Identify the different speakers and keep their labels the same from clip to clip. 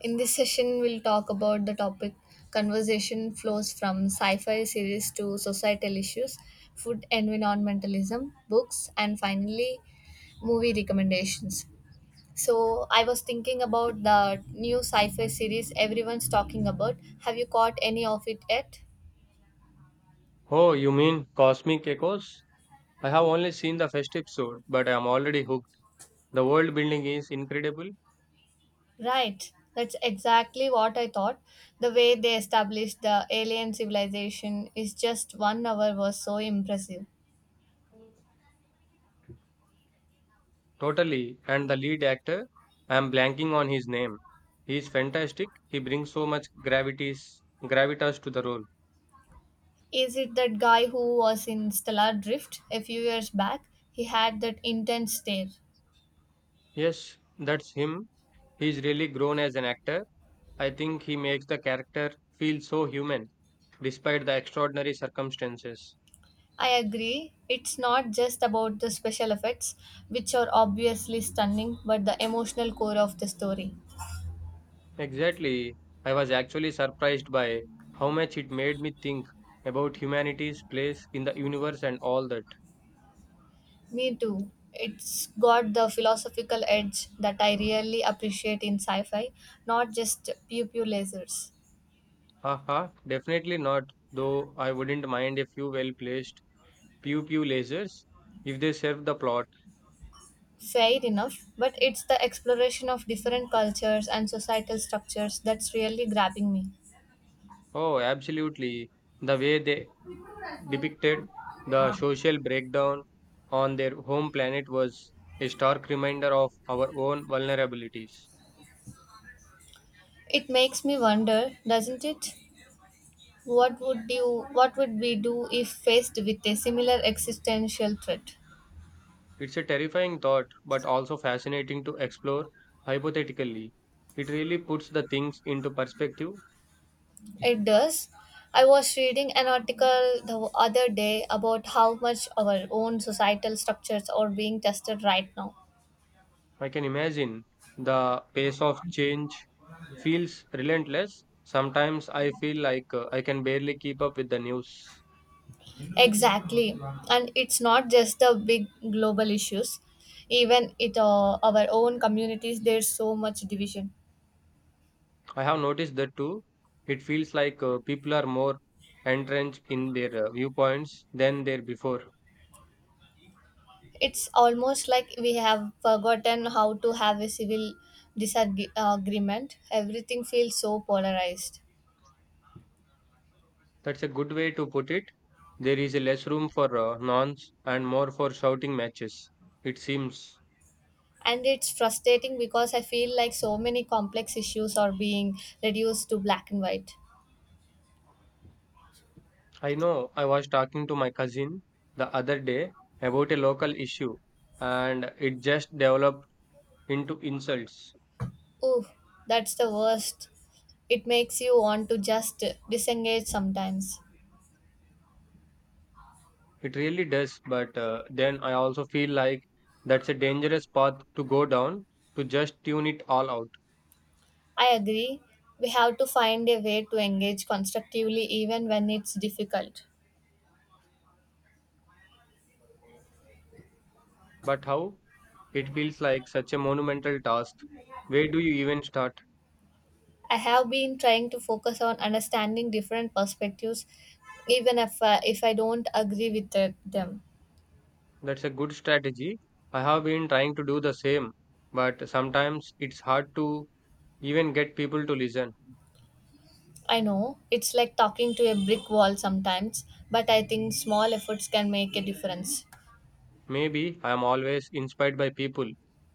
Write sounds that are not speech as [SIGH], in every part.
Speaker 1: In this session, we'll talk about the topic conversation flows from sci fi series to societal issues, food environmentalism, books, and finally, movie recommendations. So, I was thinking about the new sci fi series everyone's talking about. Have you caught any of it yet?
Speaker 2: Oh, you mean Cosmic Echoes? I have only seen the first episode, but I am already hooked. The world building is incredible,
Speaker 1: Right. That's exactly what I thought. The way they established the alien civilization is just one hour was so impressive.
Speaker 2: totally, and the lead actor, I am blanking on his name. He is fantastic. He brings so much gravitas to the role.
Speaker 1: Is it that guy who was in Stellar Drift a few years back? He had that intense stare.
Speaker 2: Yes, that's him. He's really grown as an actor. I think he makes the character feel so human, despite the extraordinary circumstances.
Speaker 1: I agree. It's not just about the special effects, which are obviously stunning, but the emotional core of the story.
Speaker 2: Exactly. I was actually surprised by how much it made me think about humanity's place in the universe and all that.
Speaker 1: Me too. It's got the philosophical edge that I really appreciate in sci fi, not just pew pew lasers.
Speaker 2: Haha, definitely not, though I wouldn't mind a few well placed pew pew lasers if they serve the plot.
Speaker 1: Fair enough, but it's the exploration of different cultures and societal structures that's really grabbing me.
Speaker 2: Oh, absolutely. The way they depicted the social breakdown on their home planet was a stark reminder of our own vulnerabilities.
Speaker 1: It makes me wonder, doesn't it? What would we do if faced with a similar existential threat?
Speaker 2: It's a terrifying thought, but also fascinating to explore hypothetically. It really puts the things into perspective.
Speaker 1: It does. I was reading an article the other day about how much our own societal structures are being tested right now.
Speaker 2: I can imagine the pace of change feels relentless. Sometimes I feel like I can barely keep up with the news.
Speaker 1: Exactly. And it's not just the big global issues. Even it our own communities, there's so much division.
Speaker 2: I have noticed that too. It feels like people are more entrenched in their viewpoints than there before.
Speaker 1: It's almost like we have forgotten how to have a civil disagreement. Everything feels so polarized.
Speaker 2: That's a good way to put it. There is less room for nonce and more for shouting matches, it seems.
Speaker 1: And it's frustrating because I feel like so many complex issues are being reduced to black and white.
Speaker 2: I know, I was talking to my cousin the other day about a local issue and it just developed into insults.
Speaker 1: Ooh, that's the worst. It makes you want to just disengage sometimes.
Speaker 2: It really does, but then I also feel like that's a dangerous path to go down, to just tune it all out.
Speaker 1: I agree. We have to find a way to engage constructively even when it's difficult.
Speaker 2: But how? It feels like such a monumental task. Where do you even start?
Speaker 1: I have been trying to focus on understanding different perspectives, even if I don't agree with them.
Speaker 2: That's a good strategy. I have been trying to do the same, but sometimes it's hard to even get people to listen.
Speaker 1: I know it's like talking to a brick wall sometimes, but I think small efforts can make a difference.
Speaker 2: Maybe I am always inspired by people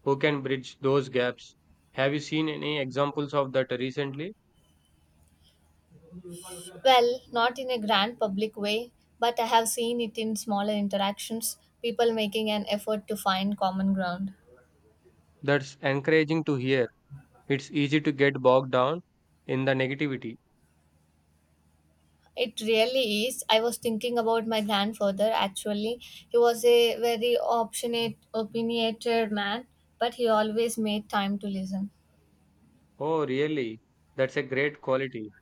Speaker 2: who can bridge those gaps. Have you seen any examples of that recently?
Speaker 1: Well, not in a grand public way, but I have seen it in smaller interactions, people making an effort to find common ground.
Speaker 2: That's encouraging to hear. It's easy to get bogged down in the negativity.
Speaker 1: It really is. I was thinking about my grandfather actually. He was a very opinionated man, but he always made time to listen.
Speaker 2: Oh, really? That's a great quality.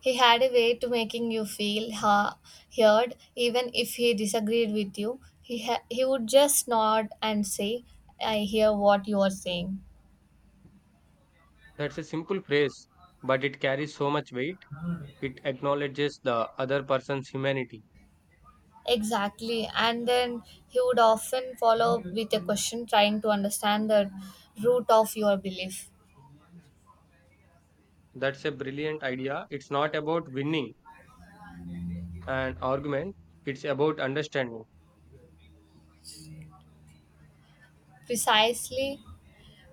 Speaker 1: He had a way to making you feel heard, even if he disagreed with you. He would just nod and say, I hear what you are saying.
Speaker 2: That's a simple phrase, but it carries so much weight. It acknowledges the other person's humanity.
Speaker 1: Exactly. And then he would often follow up with a question trying to understand the root of your belief.
Speaker 2: That's a brilliant idea. It's not about winning an argument, it's about understanding.
Speaker 1: Precisely.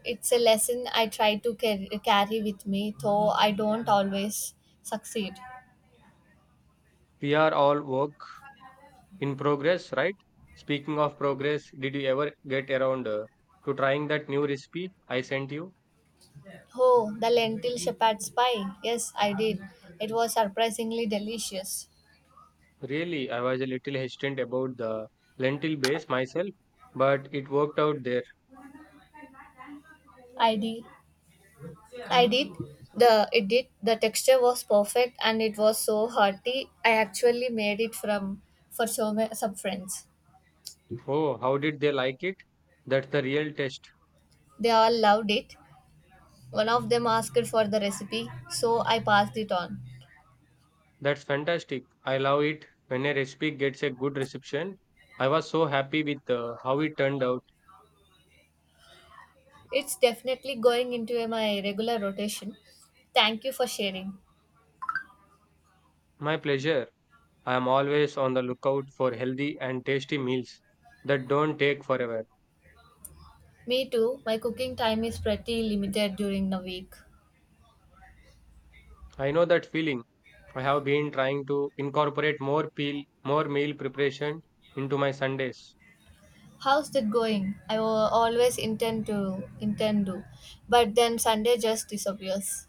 Speaker 1: It's a lesson I try to carry with me, though I don't always succeed.
Speaker 2: We are all work in progress, right? Speaking of progress, did you ever get around to trying that new recipe I sent you?
Speaker 1: Oh, the lentil shepherd's pie. Yes, I did. It was surprisingly delicious.
Speaker 2: Really, I was a little hesitant about the lentil base myself, but it worked out there.
Speaker 1: I did. I did. The It did. The texture was perfect, and it was so hearty. I actually made it from for some friends.
Speaker 2: Oh, how did they like it? That's the real test.
Speaker 1: They all loved it. One of them asked for the recipe, so I passed it on.
Speaker 2: That's fantastic. I love it when a recipe gets a good reception. I was so happy with how it turned out.
Speaker 1: It's definitely going into my regular rotation. Thank you for sharing.
Speaker 2: My pleasure. I am always on the lookout for healthy and tasty meals that don't take forever.
Speaker 1: Me too, my cooking time is pretty limited during the week.
Speaker 2: I know that feeling. I have been trying to incorporate more meal preparation into my Sundays.
Speaker 1: How's that going? I always intend to, but then Sunday just disappears.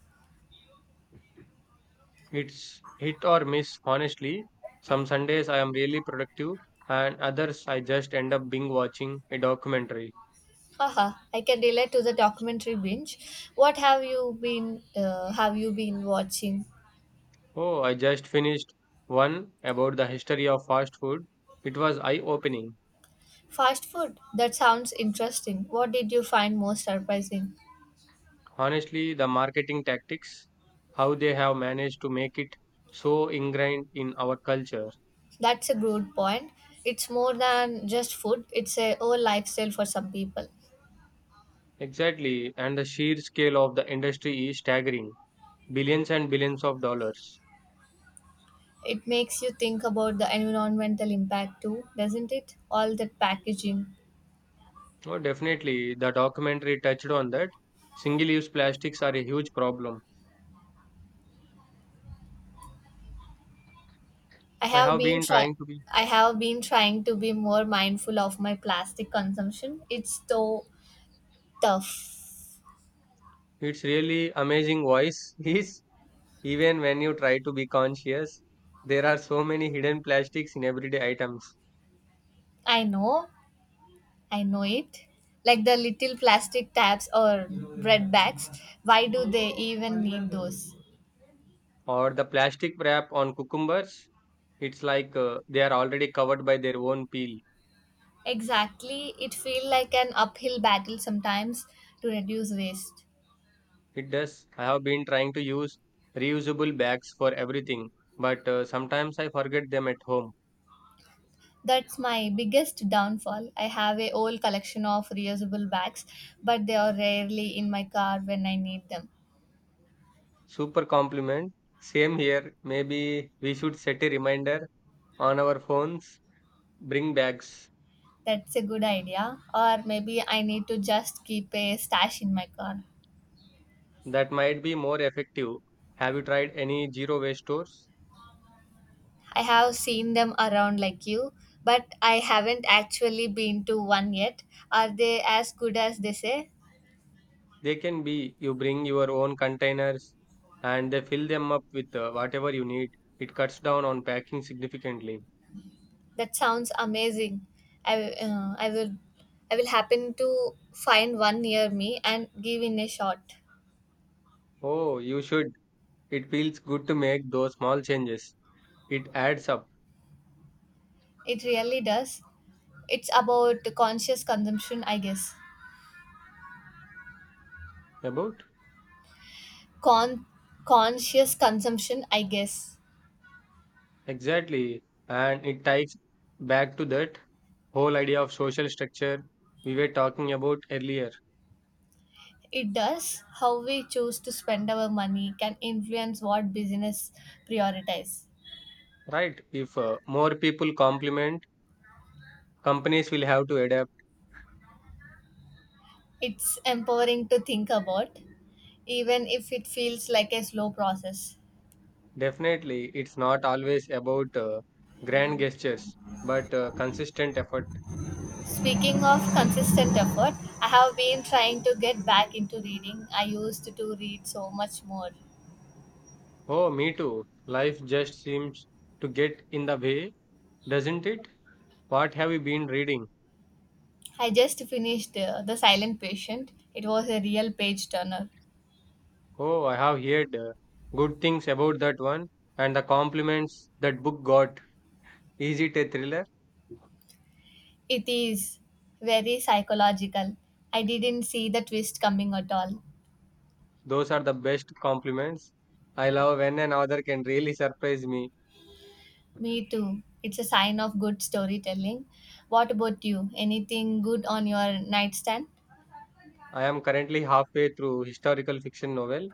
Speaker 2: It's hit or miss, honestly. Some Sundays I am really productive, and others I just end up being watching a documentary.
Speaker 1: Haha, I can relate to the documentary binge. What have you been watching?
Speaker 2: Oh, I just finished one about the history of fast food. It was eye-opening.
Speaker 1: Fast food. That sounds interesting. What did you find most surprising?
Speaker 2: Honestly, the marketing tactics, how they have managed to make it so ingrained in our culture.
Speaker 1: That's a good point. It's more than just food, it's a whole lifestyle for some people.
Speaker 2: Exactly, and the sheer scale of the industry is staggering, billions and billions of dollars.
Speaker 1: It makes you think about the environmental impact too, doesn't it? All that packaging.
Speaker 2: Oh, definitely, the documentary touched on that. Single use plastics are a huge problem.
Speaker 1: I
Speaker 2: I
Speaker 1: have
Speaker 2: have
Speaker 1: been
Speaker 2: been
Speaker 1: try
Speaker 2: trying to be.
Speaker 1: I have been trying to be more mindful of my plastic consumption. It's so tough.
Speaker 2: It's really amazing, voice [LAUGHS] is, even when you try to be conscious. There are so many hidden plastics in everyday items,
Speaker 1: I know, I know it. Like the little plastic tabs or bread bags, why do they even need those?
Speaker 2: or the plastic wrap on cucumbers. It's like they are already covered by their own peel.
Speaker 1: Exactly, it feels like an uphill battle sometimes to reduce waste.
Speaker 2: It does. I have been trying to use reusable bags for everything, but sometimes I forget them at home.
Speaker 1: That's my biggest downfall. I have a whole collection of reusable bags, but they are rarely in my car when I need them.
Speaker 2: Super compliment. Same here. Maybe we should set a reminder on our phones. Bring bags.
Speaker 1: That's a good idea. Or maybe I need to just keep a stash in my car.
Speaker 2: That might be more effective. Have you tried any zero waste stores?
Speaker 1: I have seen them around like you, but I haven't actually been to one yet. Are they as good as they say?
Speaker 2: They can be, you bring your own containers and they fill them up with whatever you need. It cuts down on packing significantly.
Speaker 1: That sounds amazing. I uh, I will I will happen to find one near me and give in a shot.
Speaker 2: Oh, you should. It feels good to make those small changes. It adds up,
Speaker 1: It really does. It's about conscious consumption, I guess.
Speaker 2: about
Speaker 1: Con Conscious consumption, I guess.
Speaker 2: exactly, and it ties back to that whole idea of social structure we were talking about earlier,
Speaker 1: It does. How we choose to spend our money can influence what business prioritize.
Speaker 2: right. If more people complement, companies will have to adapt.
Speaker 1: It's empowering to think about, even if it feels like a slow process.
Speaker 2: Definitely it's not always about grand gestures but consistent effort.
Speaker 1: Speaking of consistent effort, I have been trying to get back into reading. I used to read so much more.
Speaker 2: Oh, me too, life just seems to get in the way, doesn't it? What have you been reading?
Speaker 1: I just finished The Silent Patient. It was a real page turner.
Speaker 2: Oh, I have heard good things about that one, and the compliments that book got. Is it a thriller?
Speaker 1: It is very psychological. I didn't see the twist coming at all.
Speaker 2: Those are the best compliments. I love when an author can really surprise me.
Speaker 1: Me too. It's a sign of good storytelling. What about you? Anything good on your nightstand?
Speaker 2: I am currently halfway through historical fiction novel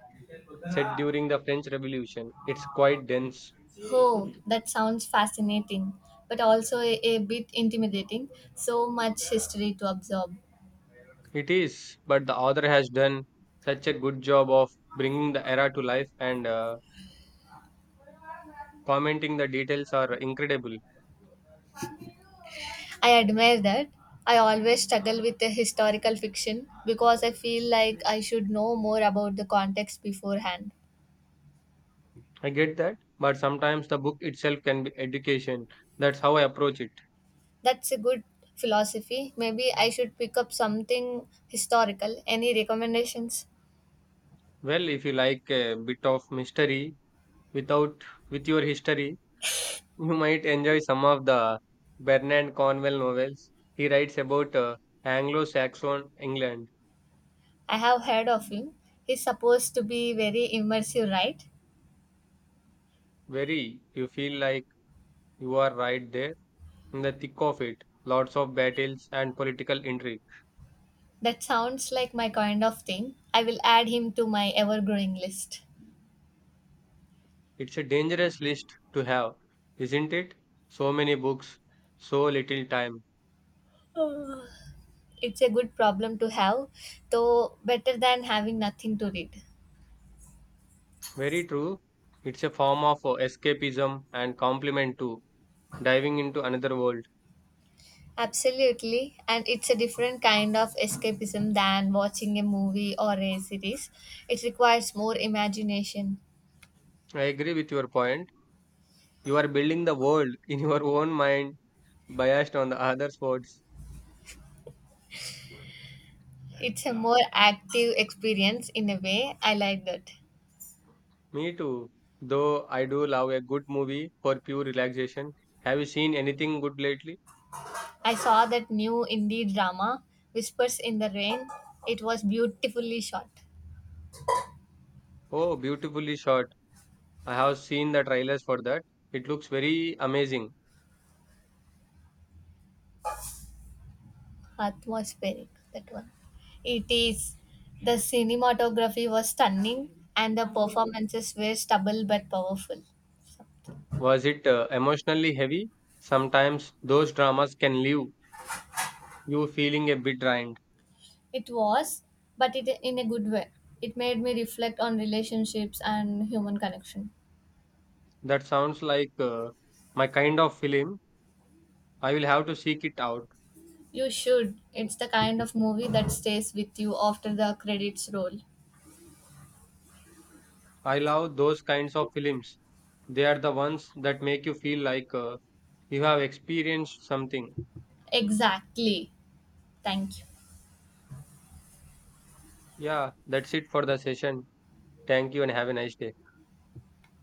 Speaker 2: set during the French Revolution. It's quite dense.
Speaker 1: Oh, that sounds fascinating, but also a bit intimidating. So much history to absorb.
Speaker 2: It is, but the author has done such a good job of bringing the era to life, and commenting, the details are incredible.
Speaker 1: I admire that. I always struggle with the historical fiction because I feel like I should know more about the context beforehand.
Speaker 2: I get that, but sometimes the book itself can be education. That's how I approach it.
Speaker 1: That's a good philosophy. Maybe I should pick up something historical. Any recommendations?
Speaker 2: Well, if you like a bit of mystery without with your history, you might enjoy some of the Bernard Cornwell novels. He writes about Anglo-Saxon England.
Speaker 1: I have heard of him. He's supposed to be very immersive, right?
Speaker 2: Very, you feel like you are right there in the thick of it. Lots of battles and political intrigue.
Speaker 1: That sounds like my kind of thing. I will add him to my ever growing list.
Speaker 2: It's a dangerous list to have, isn't it? So many books, so little time.
Speaker 1: Uh, it's a good problem to have, though better than having nothing to read.
Speaker 2: Very true. It's a form of escapism and complement to diving into another world.
Speaker 1: Absolutely, and it's a different kind of escapism than watching a movie or a series. It requires more imagination.
Speaker 2: I agree with your point. You are building the world [LAUGHS] in your own mind, biased on the other sports.
Speaker 1: It's a more active experience in a way. I like that.
Speaker 2: Me too. Though I do love a good movie for pure relaxation. Have you seen anything good lately?
Speaker 1: I saw that new indie drama, Whispers in the Rain. It was beautifully shot.
Speaker 2: Oh, beautifully shot. I have seen the trailers for that. It looks very amazing.
Speaker 1: Atmospheric, that one. It is. The cinematography was stunning, and the performances were stubble but powerful.
Speaker 2: Was it emotionally heavy? Sometimes those dramas can leave you feeling a bit drained.
Speaker 1: It was, but it in a good way. It made me reflect on relationships and human connection.
Speaker 2: That sounds like my kind of film. I will have to seek it out.
Speaker 1: You should. It's the kind of movie that stays with you after the credits roll.
Speaker 2: I love those kinds of films. They are the ones that make you feel like you have experienced something.
Speaker 1: Exactly. Thank you.
Speaker 2: Yeah, that's it for the session. Thank you and have a nice day.